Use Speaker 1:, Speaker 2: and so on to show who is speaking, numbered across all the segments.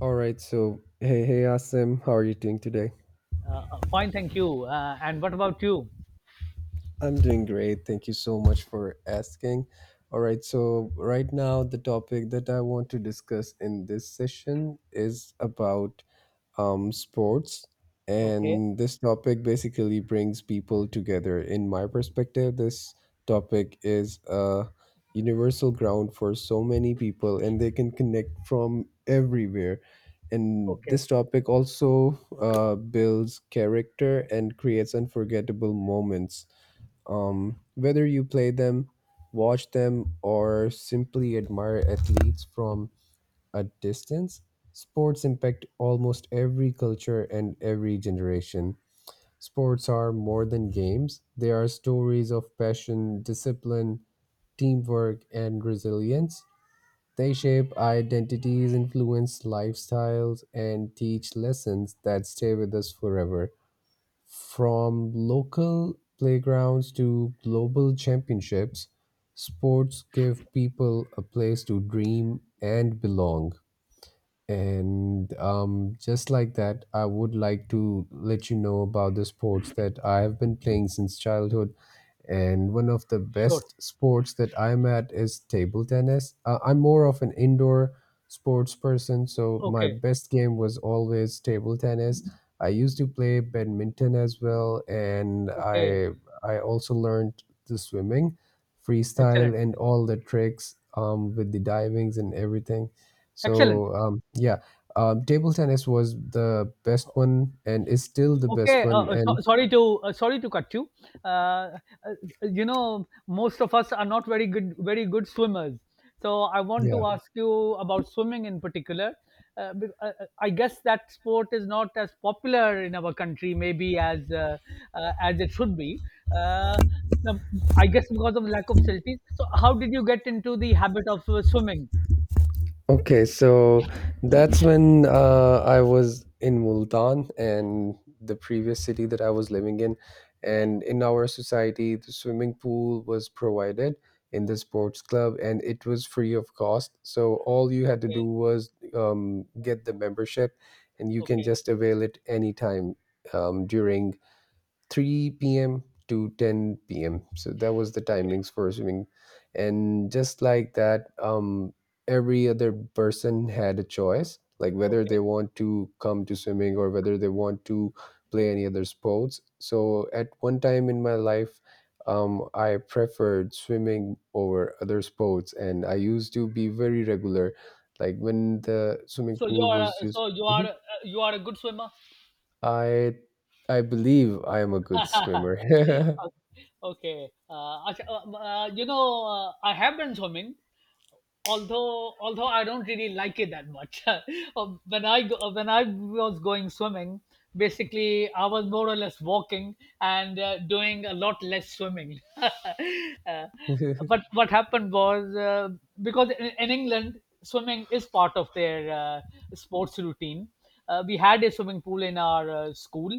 Speaker 1: All right, so hey, hey, Asim, how are you doing today?
Speaker 2: Fine, thank you. And what about you?
Speaker 1: I'm doing great. Thank you so much for asking. All right, so right now, the topic that I want to discuss in this session is about sports.
Speaker 2: Okay,
Speaker 1: And this topic basically brings people together. In my perspective, this topic is a universal ground for so many people, and they can connect from everywhere. And
Speaker 2: okay,
Speaker 1: this topic also builds character and creates unforgettable moments. Whether you play them, watch them, or simply admire athletes from at distance, sports impact almost every culture and every generation. Sports are more than games, they are stories of passion, discipline, teamwork, and resilience. They shape identities, influence lifestyles, and teach lessons that stay with us forever. From local playgrounds to global championships, sports give people a place to dream and belong. And just like that, I would like to let you know about the sports that I have been playing since childhood. And one of the
Speaker 2: sure.
Speaker 1: best sports that I'm at is table tennis. I'm more of an indoor sports person, so my
Speaker 2: Okay,
Speaker 1: best game was always table tennis. I used to play badminton as well, and
Speaker 2: okay,
Speaker 1: I also learned the swimming, freestyle,
Speaker 2: excellent,
Speaker 1: and all the tricks with the divings and everything.
Speaker 2: excellent.
Speaker 1: So yeah, table tennis was the best one and is still the best
Speaker 2: Okay,
Speaker 1: one.
Speaker 2: so,
Speaker 1: And
Speaker 2: sorry to sorry to cut you. Uh, uh, you know, most of us are not very good swimmers. So I want
Speaker 1: yeah.
Speaker 2: to ask you about swimming in particular. I guess that sport is not as popular in our country, maybe as it should be. Uh, the- I guess because of lack of facilities. So how did you get into the habit of swimming?
Speaker 1: Okay, so that's when I was in Multan and the previous city that I was living in.
Speaker 2: Yeah.
Speaker 1: And in our society, the swimming pool was provided in the sports club and it was free of cost. So all you had to do
Speaker 2: Okay.
Speaker 1: was get the membership and you can
Speaker 2: Okay.
Speaker 1: just avail it anytime during 3 p.m. to 10 p.m. So that was the
Speaker 2: Okay.
Speaker 1: timings for swimming. And just like that, every other person had a choice, like whether they
Speaker 2: Okay.
Speaker 1: want to come to swimming or whether they want to play any other sports. So at one time in my life, I preferred swimming over other sports, and I used to be very regular. Like when the swimming
Speaker 2: So you
Speaker 1: pool
Speaker 2: are
Speaker 1: was
Speaker 2: a-
Speaker 1: used,
Speaker 2: so you are
Speaker 1: mhm.
Speaker 2: a- you are a good swimmer.
Speaker 1: I I believe I am a good swimmer.
Speaker 2: Okay. Acha, you know, I have been swimming, although I don't really like it that much. When I was going swimming, basically I was more or less walking and doing a lot less swimming. But what happened was because in England swimming is part of their sports routine. We had a swimming pool in our school,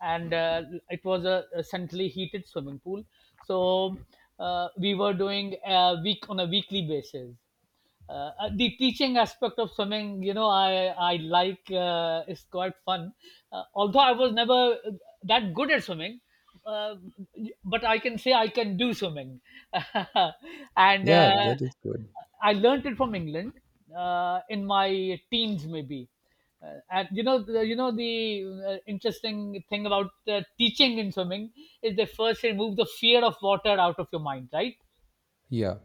Speaker 2: and it was a centrally heated swimming pool, so we were doing a week on a weekly basis, the teaching aspect of swimming. I like, is quite fun. Although I was never that good at swimming, uh, but I can say I can do swimming. and
Speaker 1: Yeah, that is good.
Speaker 2: I learnt it from England in my teens maybe. And you know the interesting thing about teaching in swimming is they first remove the fear of water out of your mind, right?
Speaker 1: Yeah.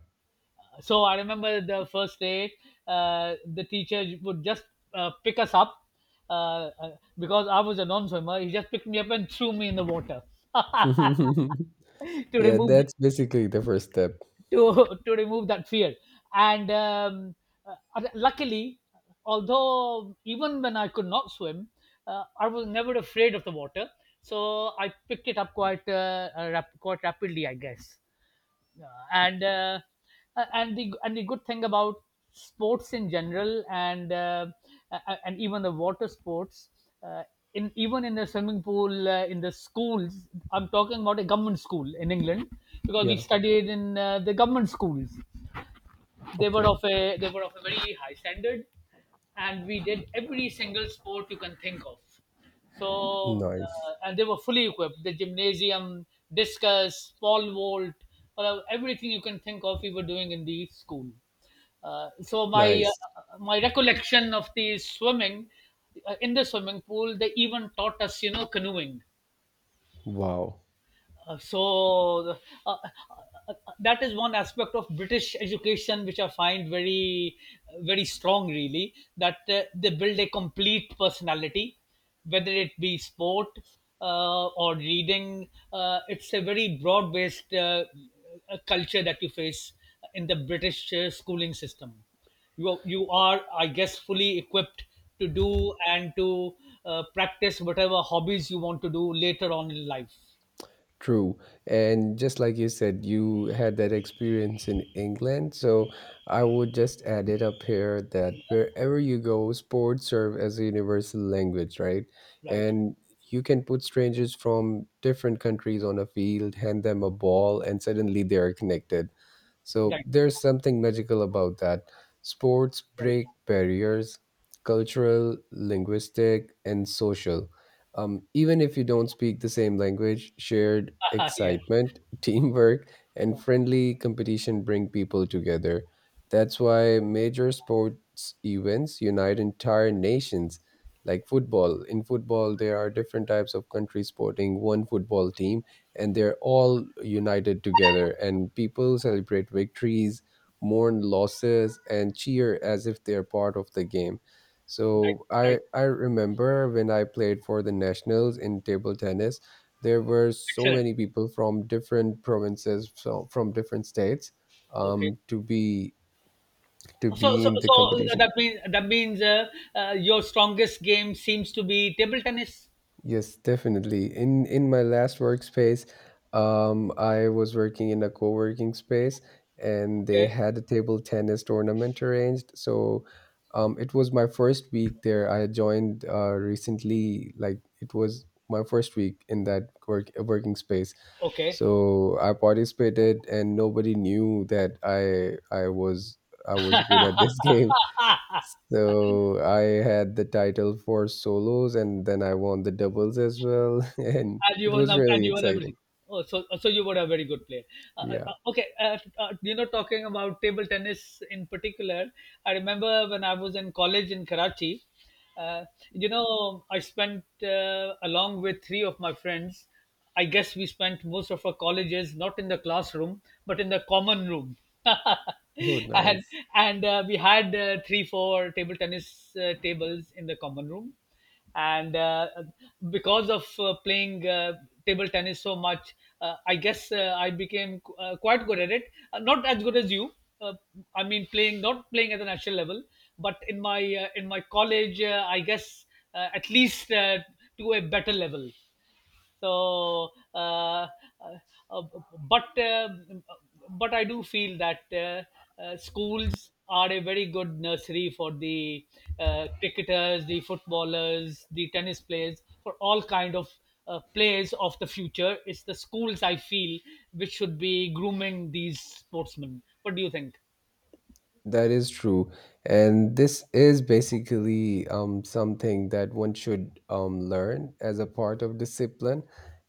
Speaker 2: So I remember the first day the teacher would just pick us up uh, uh, because I was a non-swimmer, he just picked me up and threw me in the water to
Speaker 1: Yeah,
Speaker 2: remove,
Speaker 1: that's basically the first step.
Speaker 2: to remove that fear. And Luckily, although even when I could not swim, I was never afraid of the water, so I picked it up quite quite rapidly, I guess. uh, and uh, and the and the good thing about sports in general and and even the water sports, uh, in even in the swimming pool, in the schools, I'm talking about a government school in England, because we
Speaker 1: Yeah.
Speaker 2: studied in the government schools. they were of
Speaker 1: Okay.
Speaker 2: a they were of a very high standard, and we did every single sport you can think of. So
Speaker 1: Nice.
Speaker 2: and they were fully equipped: the gymnasium, discus, pole vault, everything you can think of we were doing in the school. uh, so my
Speaker 1: Nice.
Speaker 2: my recollection of the swimming, in the swimming pool, they even taught us, you know, canoeing.
Speaker 1: Wow.
Speaker 2: uh, so uh, uh, uh, uh, that is one aspect of British education which I find very, very strong. Really, that they build a complete personality, whether it be sport or reading. It's a very broad-based culture that you face in the British schooling system. You are, I guess, fully equipped to do and to practice whatever hobbies you want to do later on in life,
Speaker 1: True. And just like you said, you had that experience in England. So I would just add it up here that wherever you go, sports serve as a universal language, right?
Speaker 2: right?
Speaker 1: And you can put strangers from different countries on a field, hand them a ball, and suddenly they are connected. So
Speaker 2: Right.
Speaker 1: there's something magical about that. Sports
Speaker 2: Right.
Speaker 1: break barriers, cultural, linguistic, and social, even if you don't speak the same language, shared
Speaker 2: Yeah.
Speaker 1: excitement, teamwork, and
Speaker 2: Yeah.
Speaker 1: friendly competition bring people together. That's why major sports events unite entire nations. Like football. In football, there are different types of countries sporting one football team, and they're all united together. And people celebrate victories, mourn losses, and cheer as if they're part of the game.
Speaker 2: Right.
Speaker 1: So I
Speaker 2: Right.
Speaker 1: I remember when I played for the nationals in table tennis, there were so
Speaker 2: Excellent.
Speaker 1: many people from different provinces, so from different states,
Speaker 2: Okay.
Speaker 1: um, to be to be in the
Speaker 2: So
Speaker 1: competition.
Speaker 2: that means your strongest game seems to be table tennis.
Speaker 1: Yes, definitely. In my last workspace, I was working in a co-working space, and they
Speaker 2: Okay.
Speaker 1: had a table tennis tournament arranged. So, it was my first week there. I had joined recently, like it was my first week in that work working space.
Speaker 2: Okay.
Speaker 1: So I participated, and nobody knew that I was I was good at this game. So I had the title for solos and then I won the doubles as well. And it was
Speaker 2: And
Speaker 1: really
Speaker 2: you won
Speaker 1: exciting.
Speaker 2: everything. Oh, so so you were a very good player.
Speaker 1: Yeah.
Speaker 2: Okay, you know, talking about table tennis in particular, I remember when I was in college in Karachi. Uh, you know, I spent along with three of my friends, I guess, we spent most of our colleges not in the classroom but in the common room.
Speaker 1: Oh,
Speaker 2: and
Speaker 1: nice.
Speaker 2: and We had three four table tennis tables in the common room, and because of playing table tennis so much, I guess quite good at it. Not as good as you, uh, I mean playing, not playing at the national level, but in my college, I guess, at least to a better level. so, uh, uh, uh, but um, but I do feel that schools are a very good nursery for the cricketers, the footballers, the tennis players, for all kind of players of the future. It's the schools, I feel, which should be grooming these sportsmen. What do you think?
Speaker 1: That is true. And this is basically something that one should learn as a part of discipline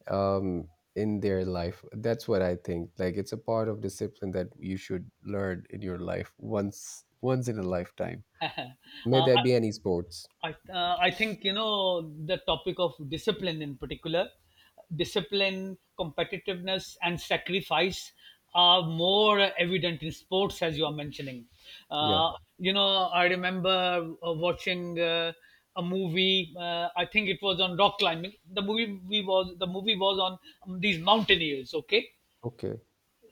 Speaker 1: um, in their life. That's what I think. Like it's a part of discipline that you should learn in your life once once in a lifetime. May
Speaker 2: uh,
Speaker 1: that be any sports.
Speaker 2: I think, you know, the topic of discipline in particular, discipline, competitiveness and sacrifice are more evident in sports, as you are mentioning.
Speaker 1: Yeah.
Speaker 2: uh, you know, I remember watching a movie. I think it was on rock climbing. The movie we was the movie was on these mountaineers, okay?
Speaker 1: Okay.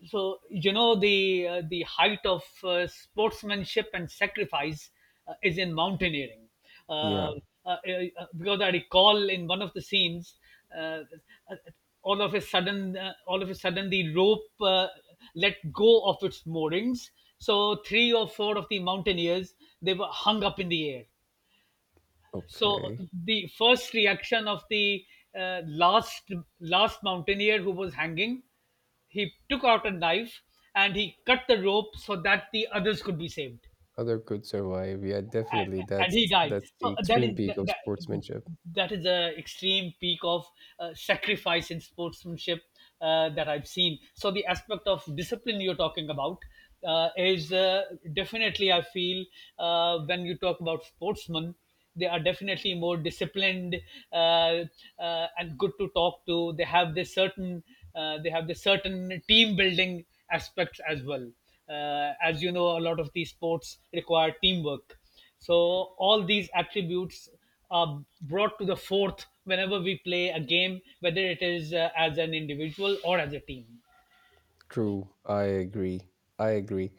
Speaker 2: So you know the height of sportsmanship and sacrifice is in mountaineering, uh, uh,
Speaker 1: Yeah.
Speaker 2: because I recall in one of the scenes uh, uh, all of a sudden, the rope let go of its moorings, so three or four of the mountaineers, they were hung up in the air. So
Speaker 1: Okay.
Speaker 2: the first reaction of the uh, last last mountaineer who was hanging, he took out a knife and he cut the rope so that the others could be saved,
Speaker 1: Other could survive. Yeah,
Speaker 2: and,
Speaker 1: definitely.
Speaker 2: and he died.
Speaker 1: That's
Speaker 2: So
Speaker 1: the
Speaker 2: that
Speaker 1: extreme
Speaker 2: is
Speaker 1: peak of sportsmanship.
Speaker 2: that is the extreme peak of sacrifice in sportsmanship that I've seen. So the aspect of discipline you're talking about is definitely, I feel, when you talk about sportsmen, they are definitely more disciplined, uh, uh, and good to talk to. They have this certain they have this certain team building aspects as well. As you know, a lot of these sports require teamwork, so all these attributes are brought to the forth whenever we play a game, whether it is as an individual or as a team.
Speaker 1: True, I agree. I agree.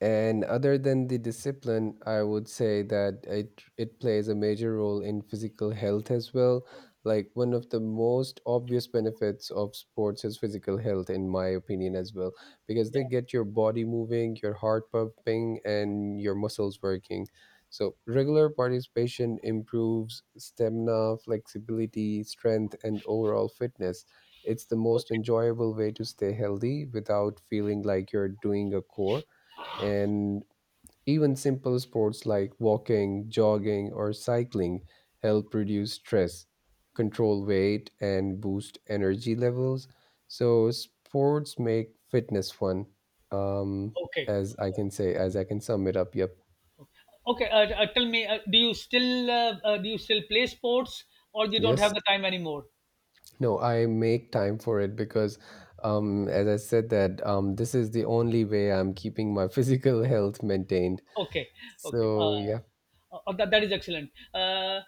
Speaker 1: And other than the discipline, I would say that it plays a major role in physical health as well. Like one of the most obvious benefits of sports is physical health, in my opinion, as well, because they
Speaker 2: Yeah.
Speaker 1: get your body moving, your heart pumping, and your muscles working. So regular participation improves stamina, flexibility, strength, and overall fitness. It's the most
Speaker 2: Okay.
Speaker 1: enjoyable way to stay healthy without feeling like you're doing a chore. And even simple sports like walking, jogging, or cycling help reduce stress, control weight, and boost energy levels. So, sports make fitness fun. Um,
Speaker 2: Okay.
Speaker 1: as I can say, as I can sum it up. Yep.
Speaker 2: Okay. Tell me, do you still play sports, or you don't
Speaker 1: Yes.
Speaker 2: have the time anymore?
Speaker 1: No, I make time for it because, as I said, that this is the only way I'm keeping my physical health maintained.
Speaker 2: Okay, okay.
Speaker 1: So, yeah,
Speaker 2: That is excellent.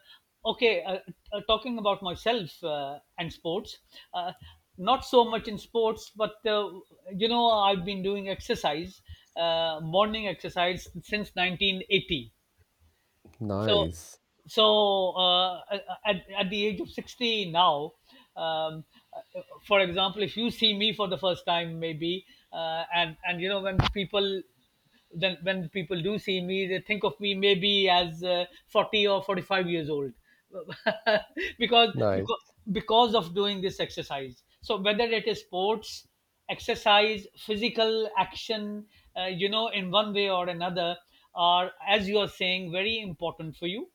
Speaker 2: Okay, talking about myself and sports, uh, not so much in sports, but you know, I've been doing exercise, morning exercise since 1980. so
Speaker 1: nice,
Speaker 2: so uh, at the age of 60 now, um, uh, for example, if you see me for the first time maybe, and you know, when people, then when people do see me, they think of me maybe as 40 or 45 years old because
Speaker 1: nice,
Speaker 2: because because of doing this exercise. So whether it is sports, exercise, physical action, you know, in one way or another, are, as you are saying, very important for you,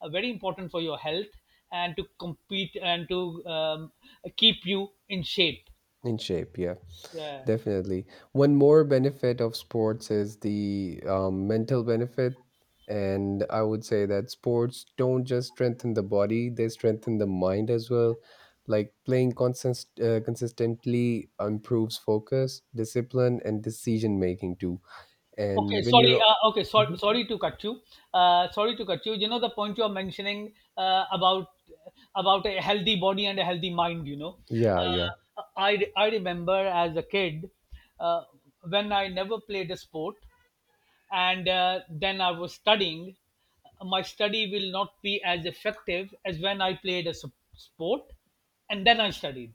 Speaker 2: very important for your health, and to compete and to keep you in shape.
Speaker 1: in shape. Yeah,
Speaker 2: Yeah.
Speaker 1: definitely. One more benefit of sports is the mental benefit. And I would say that sports don't just strengthen the body, they strengthen the mind as well. Like playing consistently improves focus, discipline, and decision making too.
Speaker 2: Okay,
Speaker 1: And when
Speaker 2: sorry.
Speaker 1: you're
Speaker 2: Okay, sorry.
Speaker 1: mhm.
Speaker 2: Sorry to cut you. Sorry to cut you. You know the point you are mentioning uh, about about a healthy body and a healthy mind. You know,
Speaker 1: Yeah, yeah,
Speaker 2: I remember as a kid, uh, when I never played a sport, and then I was studying, my study will not be as effective as when I played a sport and then I studied.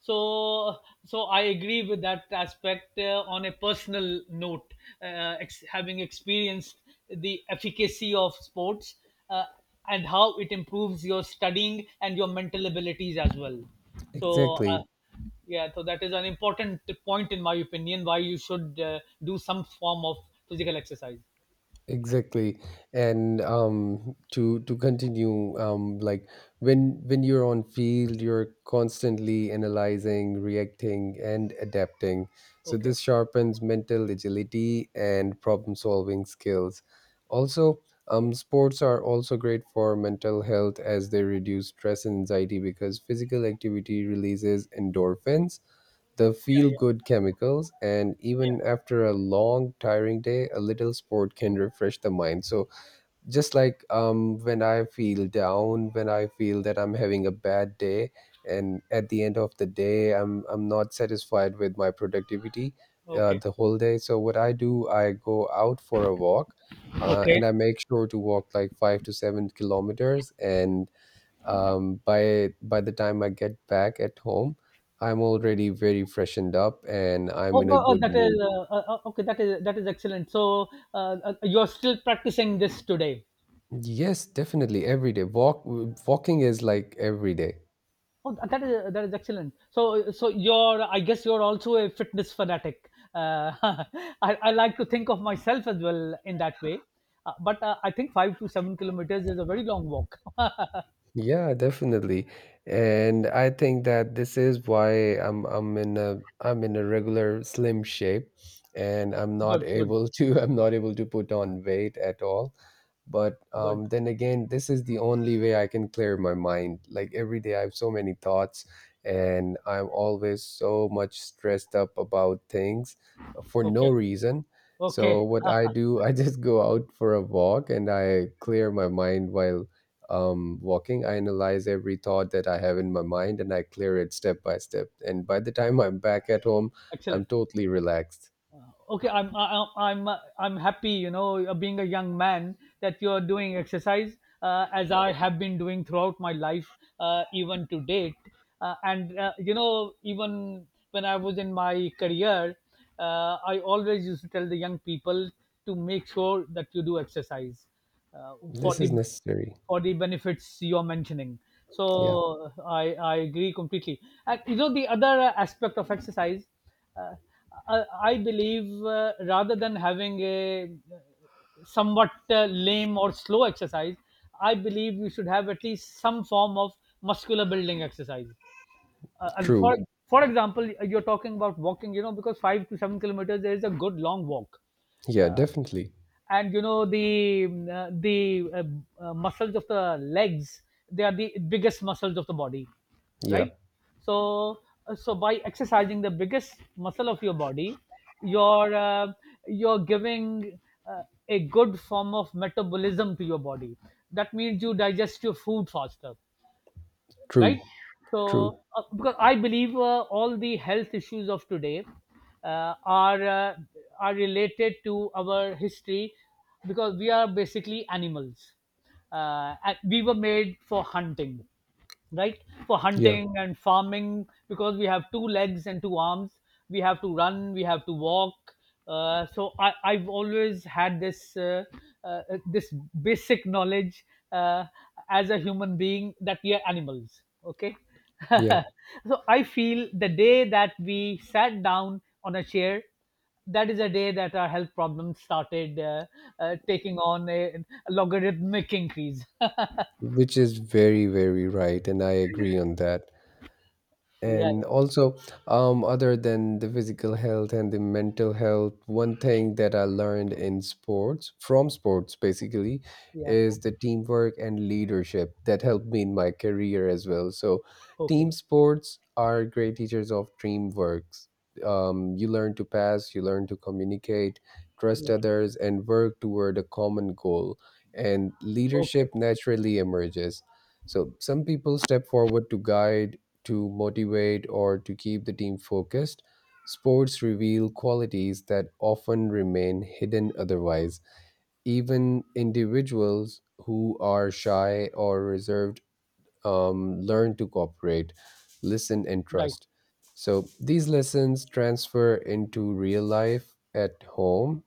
Speaker 2: So so I agree with that aspect on a personal note, having experienced the efficacy of sports uh, and how it improves your studying and your mental abilities as well. so uh,
Speaker 1: exactly.
Speaker 2: yeah, so that is an important point, in my opinion, why you should do some form of physical exercise.
Speaker 1: Exactly. And to continue, like when you're on field you're constantly analyzing, reacting and adapting, so
Speaker 2: Okay.
Speaker 1: this sharpens mental agility and problem solving skills. Also, sports are also great for mental health as they reduce stress and anxiety because physical activity releases endorphins, the feel
Speaker 2: Yeah, yeah.
Speaker 1: good chemicals. And
Speaker 2: Yeah.
Speaker 1: even after a long tiring day a little sport can refresh the mind. So just like when I feel down, when I feel that I'm having a bad day and at the end of the day I'm not satisfied with my productivity
Speaker 2: Okay.
Speaker 1: the whole day, so what I do, I go out for a walk
Speaker 2: Okay.
Speaker 1: and I make sure to walk like 5 to 7 kilometers. And by the time I get back at home, I'm already very freshened up and I'm
Speaker 2: Oh,
Speaker 1: in a
Speaker 2: oh, oh,
Speaker 1: good
Speaker 2: that is
Speaker 1: mood.
Speaker 2: okay. That is excellent. So you're still practicing this today.
Speaker 1: Yes, definitely every day. Walk walking is like every day.
Speaker 2: Oh, that is excellent. So so you're, I guess you're also a fitness fanatic. I like to think of myself as well in that way. But I think 5 to 7 kilometers is a very long walk.
Speaker 1: Yeah, definitely. And I think that this is why I'm in a I'm in a regular slim shape and I'm not
Speaker 2: Good, good,
Speaker 1: able to I'm not able to put on weight at all. But
Speaker 2: good.
Speaker 1: then again, this is the only way I can clear my mind. Like every day I have so many thoughts and I'm always so much stressed up about things for no
Speaker 2: Okay,
Speaker 1: reason.
Speaker 2: okay,
Speaker 1: So what I do, I just go out for a walk and I clear my mind while walking, I analyze every thought that I have in my mind and I clear it step by step. And by the time I'm back at home, I'm
Speaker 2: excellent.
Speaker 1: totally relaxed.
Speaker 2: Okay, I'm happy, you know, being a young man, that you're doing exercise, as I have been doing throughout my life, even to date, and you know, even when I was in my career, I always used to tell the young people to make sure that you do exercise, uh, for
Speaker 1: This is
Speaker 2: the
Speaker 1: necessary.
Speaker 2: for the benefits you're mentioning.
Speaker 1: Yeah,
Speaker 2: So I agree completely. And you know, the other aspect of exercise, uh, I believe, rather than having a uh, somewhat lame or slow exercise, I believe you should have at least some form of muscular building exercise. And for
Speaker 1: true.
Speaker 2: for example, you're talking about walking, you know, because 5 to 7 kilometers there is a good long walk.
Speaker 1: Yeah, definitely.
Speaker 2: And you know the muscles of the legs, they are the biggest muscles of the body,
Speaker 1: Yeah,
Speaker 2: right? So uh, so by exercising the biggest muscle of your body, you're uh, you're giving uh, a good form of metabolism to your body. That means you digest your food faster,
Speaker 1: true,
Speaker 2: right?
Speaker 1: true.
Speaker 2: So because I believe, all the health issues of today uh, are uh, are related to our history, because we are basically animals. And we were made for hunting, right? For
Speaker 1: Yeah,
Speaker 2: hunting and farming, because we have two legs and two arms. We have to run, we have to walk. So I've always had this this basic knowledge, uh, as a human being, that we are animals. Okay.
Speaker 1: yeah.
Speaker 2: So I feel the day that we sat down on a chair, that is a day that our health problems started taking on a logarithmic increase.
Speaker 1: Which is very, very right. And I agree on that.
Speaker 2: Yeah,
Speaker 1: And also, other than the physical health and the mental health, one thing that I learned in sports, from sports basically,
Speaker 2: yeah.
Speaker 1: is the teamwork and leadership that helped me in my career as well. So,
Speaker 2: Okay.
Speaker 1: team sports are great teachers of teamwork. You learn to pass, you learn to communicate, trust
Speaker 2: Yeah.
Speaker 1: others, and work toward a common goal. And
Speaker 2: Okay.
Speaker 1: leadership naturally emerges. So, some people step forward to guide to motivate or to keep the team focused. Sports reveal qualities that often remain hidden otherwise. Even individuals who are shy or reserved learn to cooperate, listen, and
Speaker 2: Right.
Speaker 1: trust. So these lessons transfer into real life at home,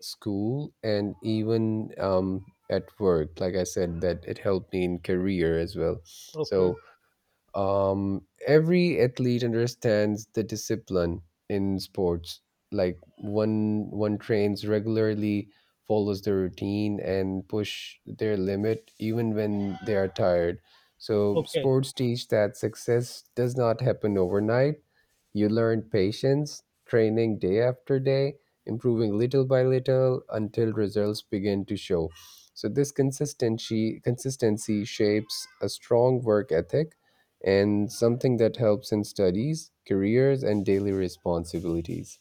Speaker 1: school, and even at work. Like I said, that it helped me in career as well.
Speaker 2: Okay,
Speaker 1: So every athlete understands the discipline in sports. Like one one trains regularly, follows the routine and push their limit even when they are tired. So
Speaker 2: okay.
Speaker 1: sports teach that success does not happen overnight. You learn patience, training day after day, improving little by little until results begin to show. So this consistency consistency shapes a strong work ethic and something that helps in studies, careers and daily responsibilities.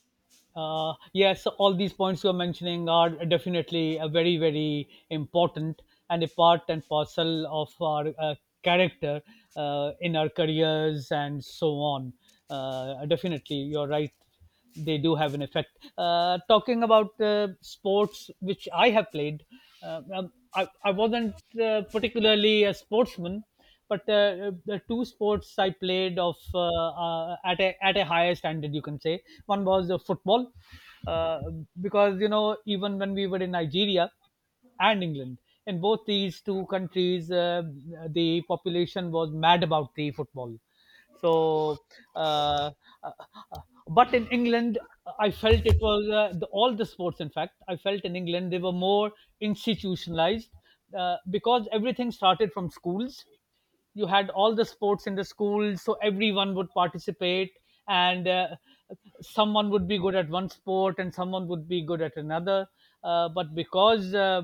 Speaker 2: Yes, all these points you are mentioning are definitely very, very important, and a part and parcel of our character in our careers and so on. Definitely, you're right. They do have an effect. Talking about sports, which I have played, I wasn't particularly a sportsman, but the two sports I played of at a higher standard, you can say. One was football, uh, because you know, even when we were in Nigeria and England, in both these two countries, the population was mad about the football. So, uh, uh, uh, but in England, I felt it was all the sports. In fact, I felt in England they were more institutionalized, because everything started from schools. You had all the sports in the school, so everyone would participate, and someone would be good at one sport and someone would be good at another. But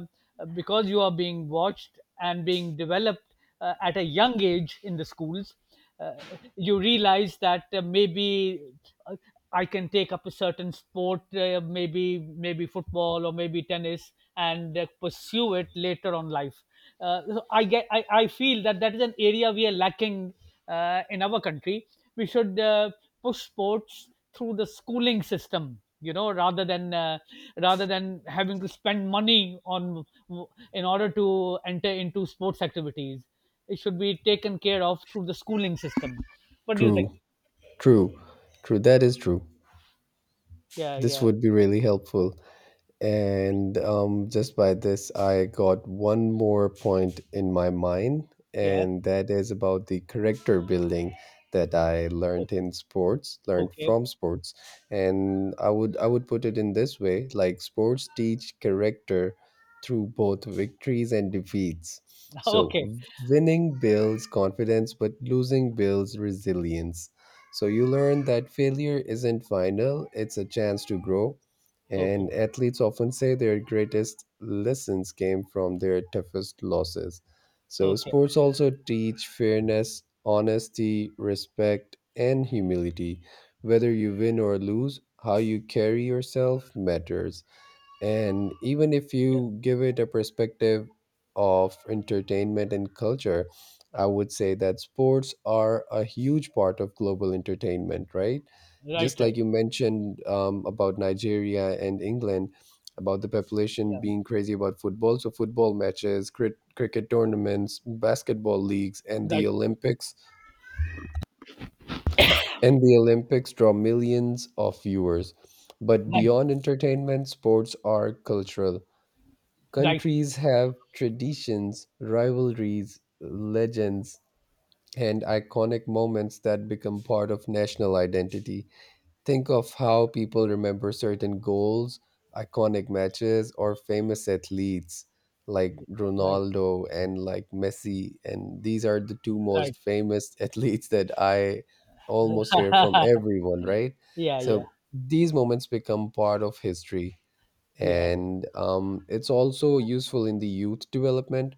Speaker 2: because you are being watched and being developed at a young age in the schools, uh, you realize that, maybe uh, I can take up a certain sport, maybe football or maybe tennis, and pursue it later on life. I feel that that is an area we are lacking in our country. We should push sports through the schooling system, you know, rather than having to spend money on, in order to enter into sports activities. It should be taken care of through the schooling system. What do you think?
Speaker 1: True, true, true. That is true.
Speaker 2: Yeah,
Speaker 1: This
Speaker 2: yeah,
Speaker 1: would be really helpful. And just by this, I got one more point in my mind,
Speaker 2: yeah.
Speaker 1: and that is about the character building that I learned
Speaker 2: Okay,
Speaker 1: in sports, learned
Speaker 2: okay.
Speaker 1: from sports. And I would put it in this way, like sports teach character through both victories and defeats. So
Speaker 2: Okay,
Speaker 1: winning builds confidence, but losing builds resilience. So you learn that failure isn't final, it's a chance to grow
Speaker 2: okay,
Speaker 1: and athletes often say their greatest lessons came from their toughest losses. So,
Speaker 2: okay.
Speaker 1: sports also teach fairness, honesty, respect, and humility. Whether you win or lose, how you carry yourself matters. And even if
Speaker 2: Yeah,
Speaker 1: you give it a perspective of entertainment and culture, I would say that sports are a huge part of global entertainment, right?
Speaker 2: right,
Speaker 1: Just like
Speaker 2: right.
Speaker 1: you mentioned about Nigeria and England, about the population
Speaker 2: Yeah,
Speaker 1: being crazy about football. So, football matches, cricket tournaments, basketball leagues, and the
Speaker 2: right,
Speaker 1: Olympics. And the Olympics draw millions of viewers. But
Speaker 2: right,
Speaker 1: beyond entertainment, sports are cultural.
Speaker 2: right,
Speaker 1: Countries have traditions, rivalries, legends, and iconic moments that become part of national identity. Think of how people remember certain goals, iconic matches, or famous athletes like
Speaker 2: right,
Speaker 1: Ronaldo and like Messi. And these are the two most
Speaker 2: right.
Speaker 1: famous athletes that I almost hear from everyone, right?
Speaker 2: Yeah,
Speaker 1: So
Speaker 2: yeah,
Speaker 1: these moments become part of history,
Speaker 2: yeah.
Speaker 1: and it's also useful in the youth development.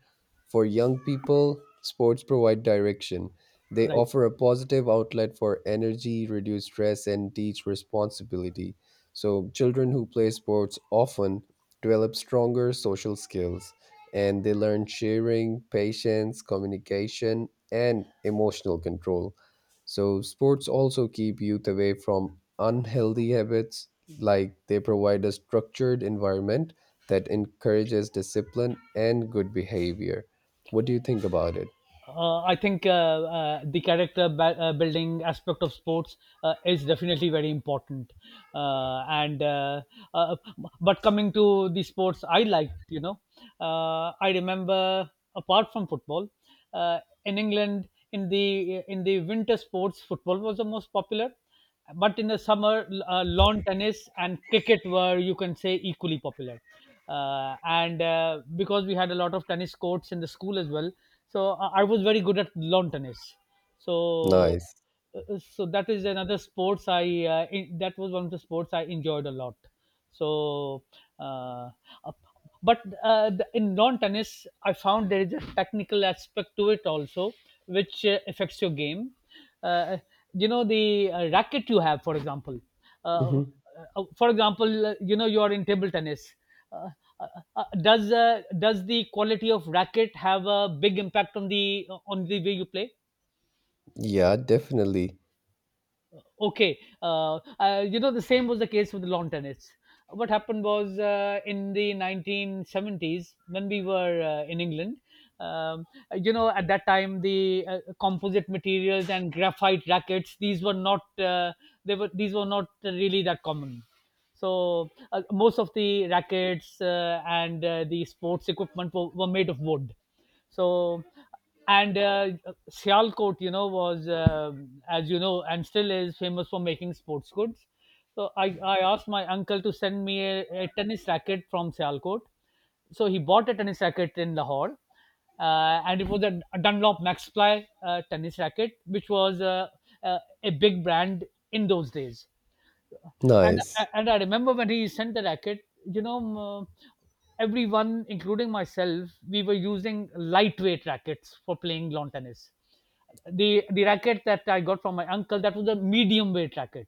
Speaker 1: For young people, sports provide direction. They
Speaker 2: Right.
Speaker 1: offer a positive outlet for energy, reduce stress, and teach responsibility. So children who play sports often develop stronger social skills, and they learn sharing, patience, communication, and emotional control. So, sports also keep youth away from unhealthy habits, like they provide a structured environment that encourages discipline and good behavior. What do you think about it?
Speaker 2: I think, the character building aspect of sports is definitely very important. And uh, but coming to the sports I liked, you know, I remember, apart from football, uh, in England, in the winter sports, football was the most popular, but in the summer, lawn tennis and cricket were, you can say, equally popular. And Because we had a lot of tennis courts in the school as well, so I was very good at lawn tennis. so
Speaker 1: Nice.
Speaker 2: uh, uh, so that is another sports that was one of the sports I enjoyed a lot. so uh, uh, but in lawn tennis I found there is a technical aspect to it also, which affects your game. uh, you know the racket you have, for example. uh,
Speaker 1: Hmm.
Speaker 2: uh, for example, you know, you are in table tennis, uh, uh, does the quality of racket have a big impact on the way you play?
Speaker 1: Yeah, definitely.
Speaker 2: Okay. You know, the same was the case with the lawn tennis. What happened was, in the 1970s, when we were in England, um, you know, at that time the composite materials and graphite rackets, these were not they were these were not really that common. So most of the rackets and the sports equipment were made of wood. So, and Sialkot, you know, was as you know, and still is, famous for making sports goods. So I asked my uncle to send me a tennis racket from Sialkot. So he bought a tennis racket in Lahore, and it was a Dunlop Maxply tennis racket, which was a big brand in those days. And
Speaker 1: Nice.
Speaker 2: and I remember when he sent the racket, you know, m- everyone, including myself, we were using lightweight rackets for playing lawn tennis. The racket that I got from my uncle, that was a medium weight racket.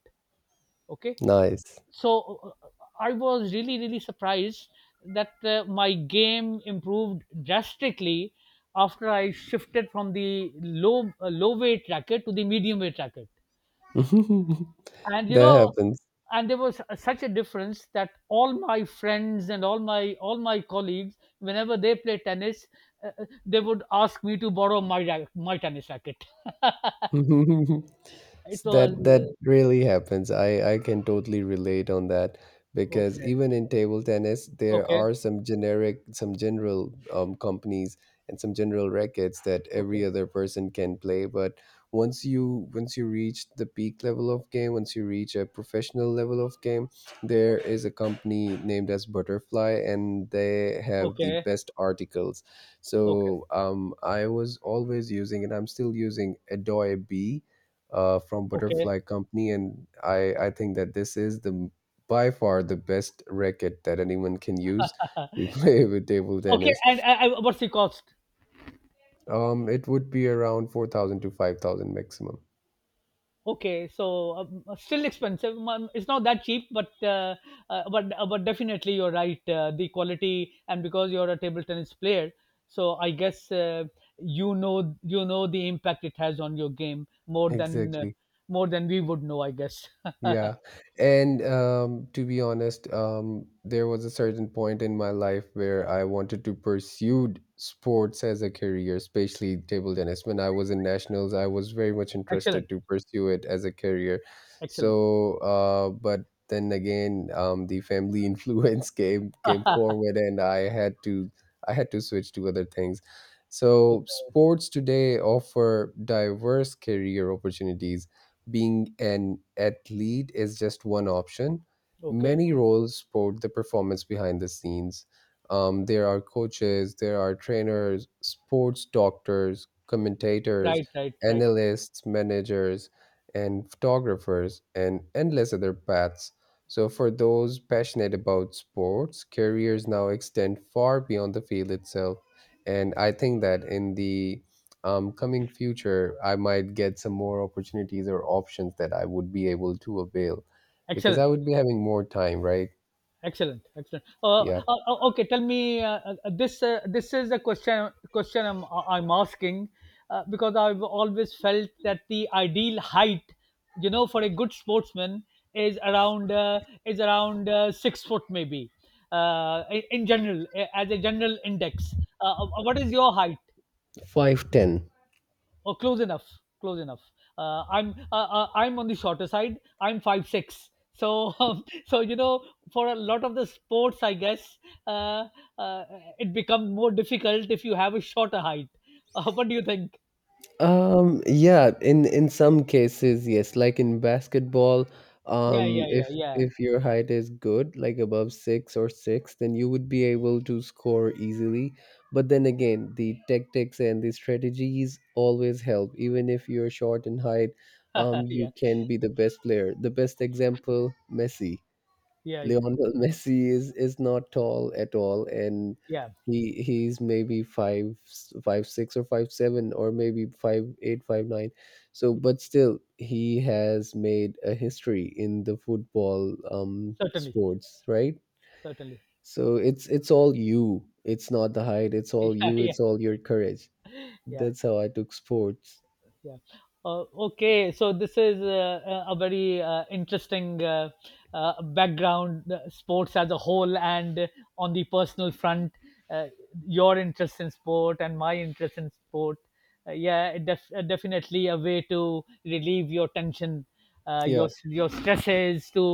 Speaker 2: Okay.
Speaker 1: Nice.
Speaker 2: So I was really, really surprised that my game improved drastically after I shifted from the low weight racket to the medium weight racket. And you
Speaker 1: That
Speaker 2: know,
Speaker 1: happens.
Speaker 2: and there was such a difference that all my friends and all my colleagues, whenever they play tennis, they would ask me to borrow my my tennis racket. It was
Speaker 1: That really happens. I can totally relate on that, because
Speaker 2: okay,
Speaker 1: even in table tennis, there
Speaker 2: okay,
Speaker 1: are some generic, some general companies and some general rackets that
Speaker 2: okay,
Speaker 1: every other person can play. But once you reach the peak level of game, once you reach a professional level of game, there
Speaker 2: okay,
Speaker 1: is a company named as Butterfly, and they have the
Speaker 2: okay,
Speaker 1: best articles.
Speaker 2: okay,
Speaker 1: So I was always using, and I'm still using Adoy B, from
Speaker 2: okay.
Speaker 1: Butterfly Company, and I think that this is the by far the best racket that anyone can use to play with table
Speaker 2: Okay,
Speaker 1: tennis.
Speaker 2: and what's the cost?
Speaker 1: It would be around 4,000 to 5,000 maximum.
Speaker 2: Okay, so still expensive. It's not that cheap, but but definitely you're right. The quality, and because you're a table tennis player, so I guess you know, you know the impact it has on your game
Speaker 1: Exactly.
Speaker 2: more than we would know, I guess.
Speaker 1: Yeah. And to be honest, there was a certain point in my life where I wanted to pursue sports as a career, especially table tennis. When I was in nationals, I was very much
Speaker 2: Excellent,
Speaker 1: interested to pursue it as a career.
Speaker 2: excellent.
Speaker 1: So, but then again, the family influence came forward, and I had to switch to other things. So,
Speaker 2: Okay,
Speaker 1: sports today offer diverse career opportunities. Being an athlete is just one option.
Speaker 2: okay,
Speaker 1: Many roles support the performance behind the scenes. There are coaches, there are trainers, sports doctors, commentators,
Speaker 2: right, right, right.
Speaker 1: analysts, managers, and photographers, and endless other paths. So, for those passionate about sports, careers now extend far beyond the field itself. And I think that in the coming future, I might get some more opportunities or options that I would be able to avail because I
Speaker 2: Excellent.
Speaker 1: would be having more time, right?
Speaker 2: Excellent, excellent.
Speaker 1: Yeah.
Speaker 2: Okay, tell me this. This is a question. Question I'm asking because I've always felt that the ideal height, you know, for a good sportsman is around 6 foot maybe. In general, as a general index, what is your height?
Speaker 1: 5'10".
Speaker 2: Oh, close enough. Close enough. I'm on the shorter side. I'm 5'6". So so you know, for a lot of the sports, I guess, uh, uh, it becomes more difficult if you have a shorter height. What do you think?
Speaker 1: Yeah, in some cases, yes. Like in basketball,
Speaker 2: Yeah,
Speaker 1: um,
Speaker 2: yeah,
Speaker 1: if
Speaker 2: yeah, yeah.
Speaker 1: if your height is good, like above six or six, then you would be able to score easily. But then again, the tactics and the strategies always help. Even if you're short in height,
Speaker 2: Yeah,
Speaker 1: you can be the best player. The best example, Messi.
Speaker 2: yeah, yeah,
Speaker 1: Lionel Messi is not tall at all, and
Speaker 2: yeah.
Speaker 1: he's maybe five five six or 5'7" or maybe five eight five nine. So, but still, he has made a history in the football
Speaker 2: Certainly,
Speaker 1: sports, right?
Speaker 2: certainly.
Speaker 1: So it's all you. It's not the height. It's all
Speaker 2: Yeah,
Speaker 1: you.
Speaker 2: yeah,
Speaker 1: It's all your courage.
Speaker 2: yeah.
Speaker 1: That's how I took sports.
Speaker 2: Yeah. uh, okay, so this is a very interesting background. Uh, sports as a whole, and on the personal front, uh, your interest in sport and my interest in sport, yeah, it definitely a way to relieve your tension,
Speaker 1: Yeah,
Speaker 2: your stresses, to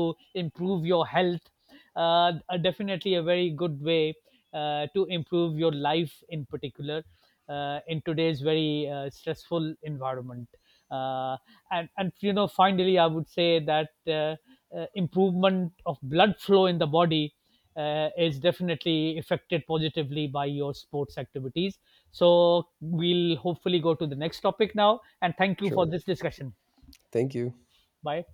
Speaker 2: improve your health are definitely a very good way to improve your life in particular, in today's very stressful environment. Uh, and and you know, finally, I would say that improvement of blood flow in the body is definitely affected positively by your sports activities. So we'll hopefully go to the next topic now, and thank you for
Speaker 1: sure.
Speaker 2: this discussion.
Speaker 1: Thank you.
Speaker 2: Bye.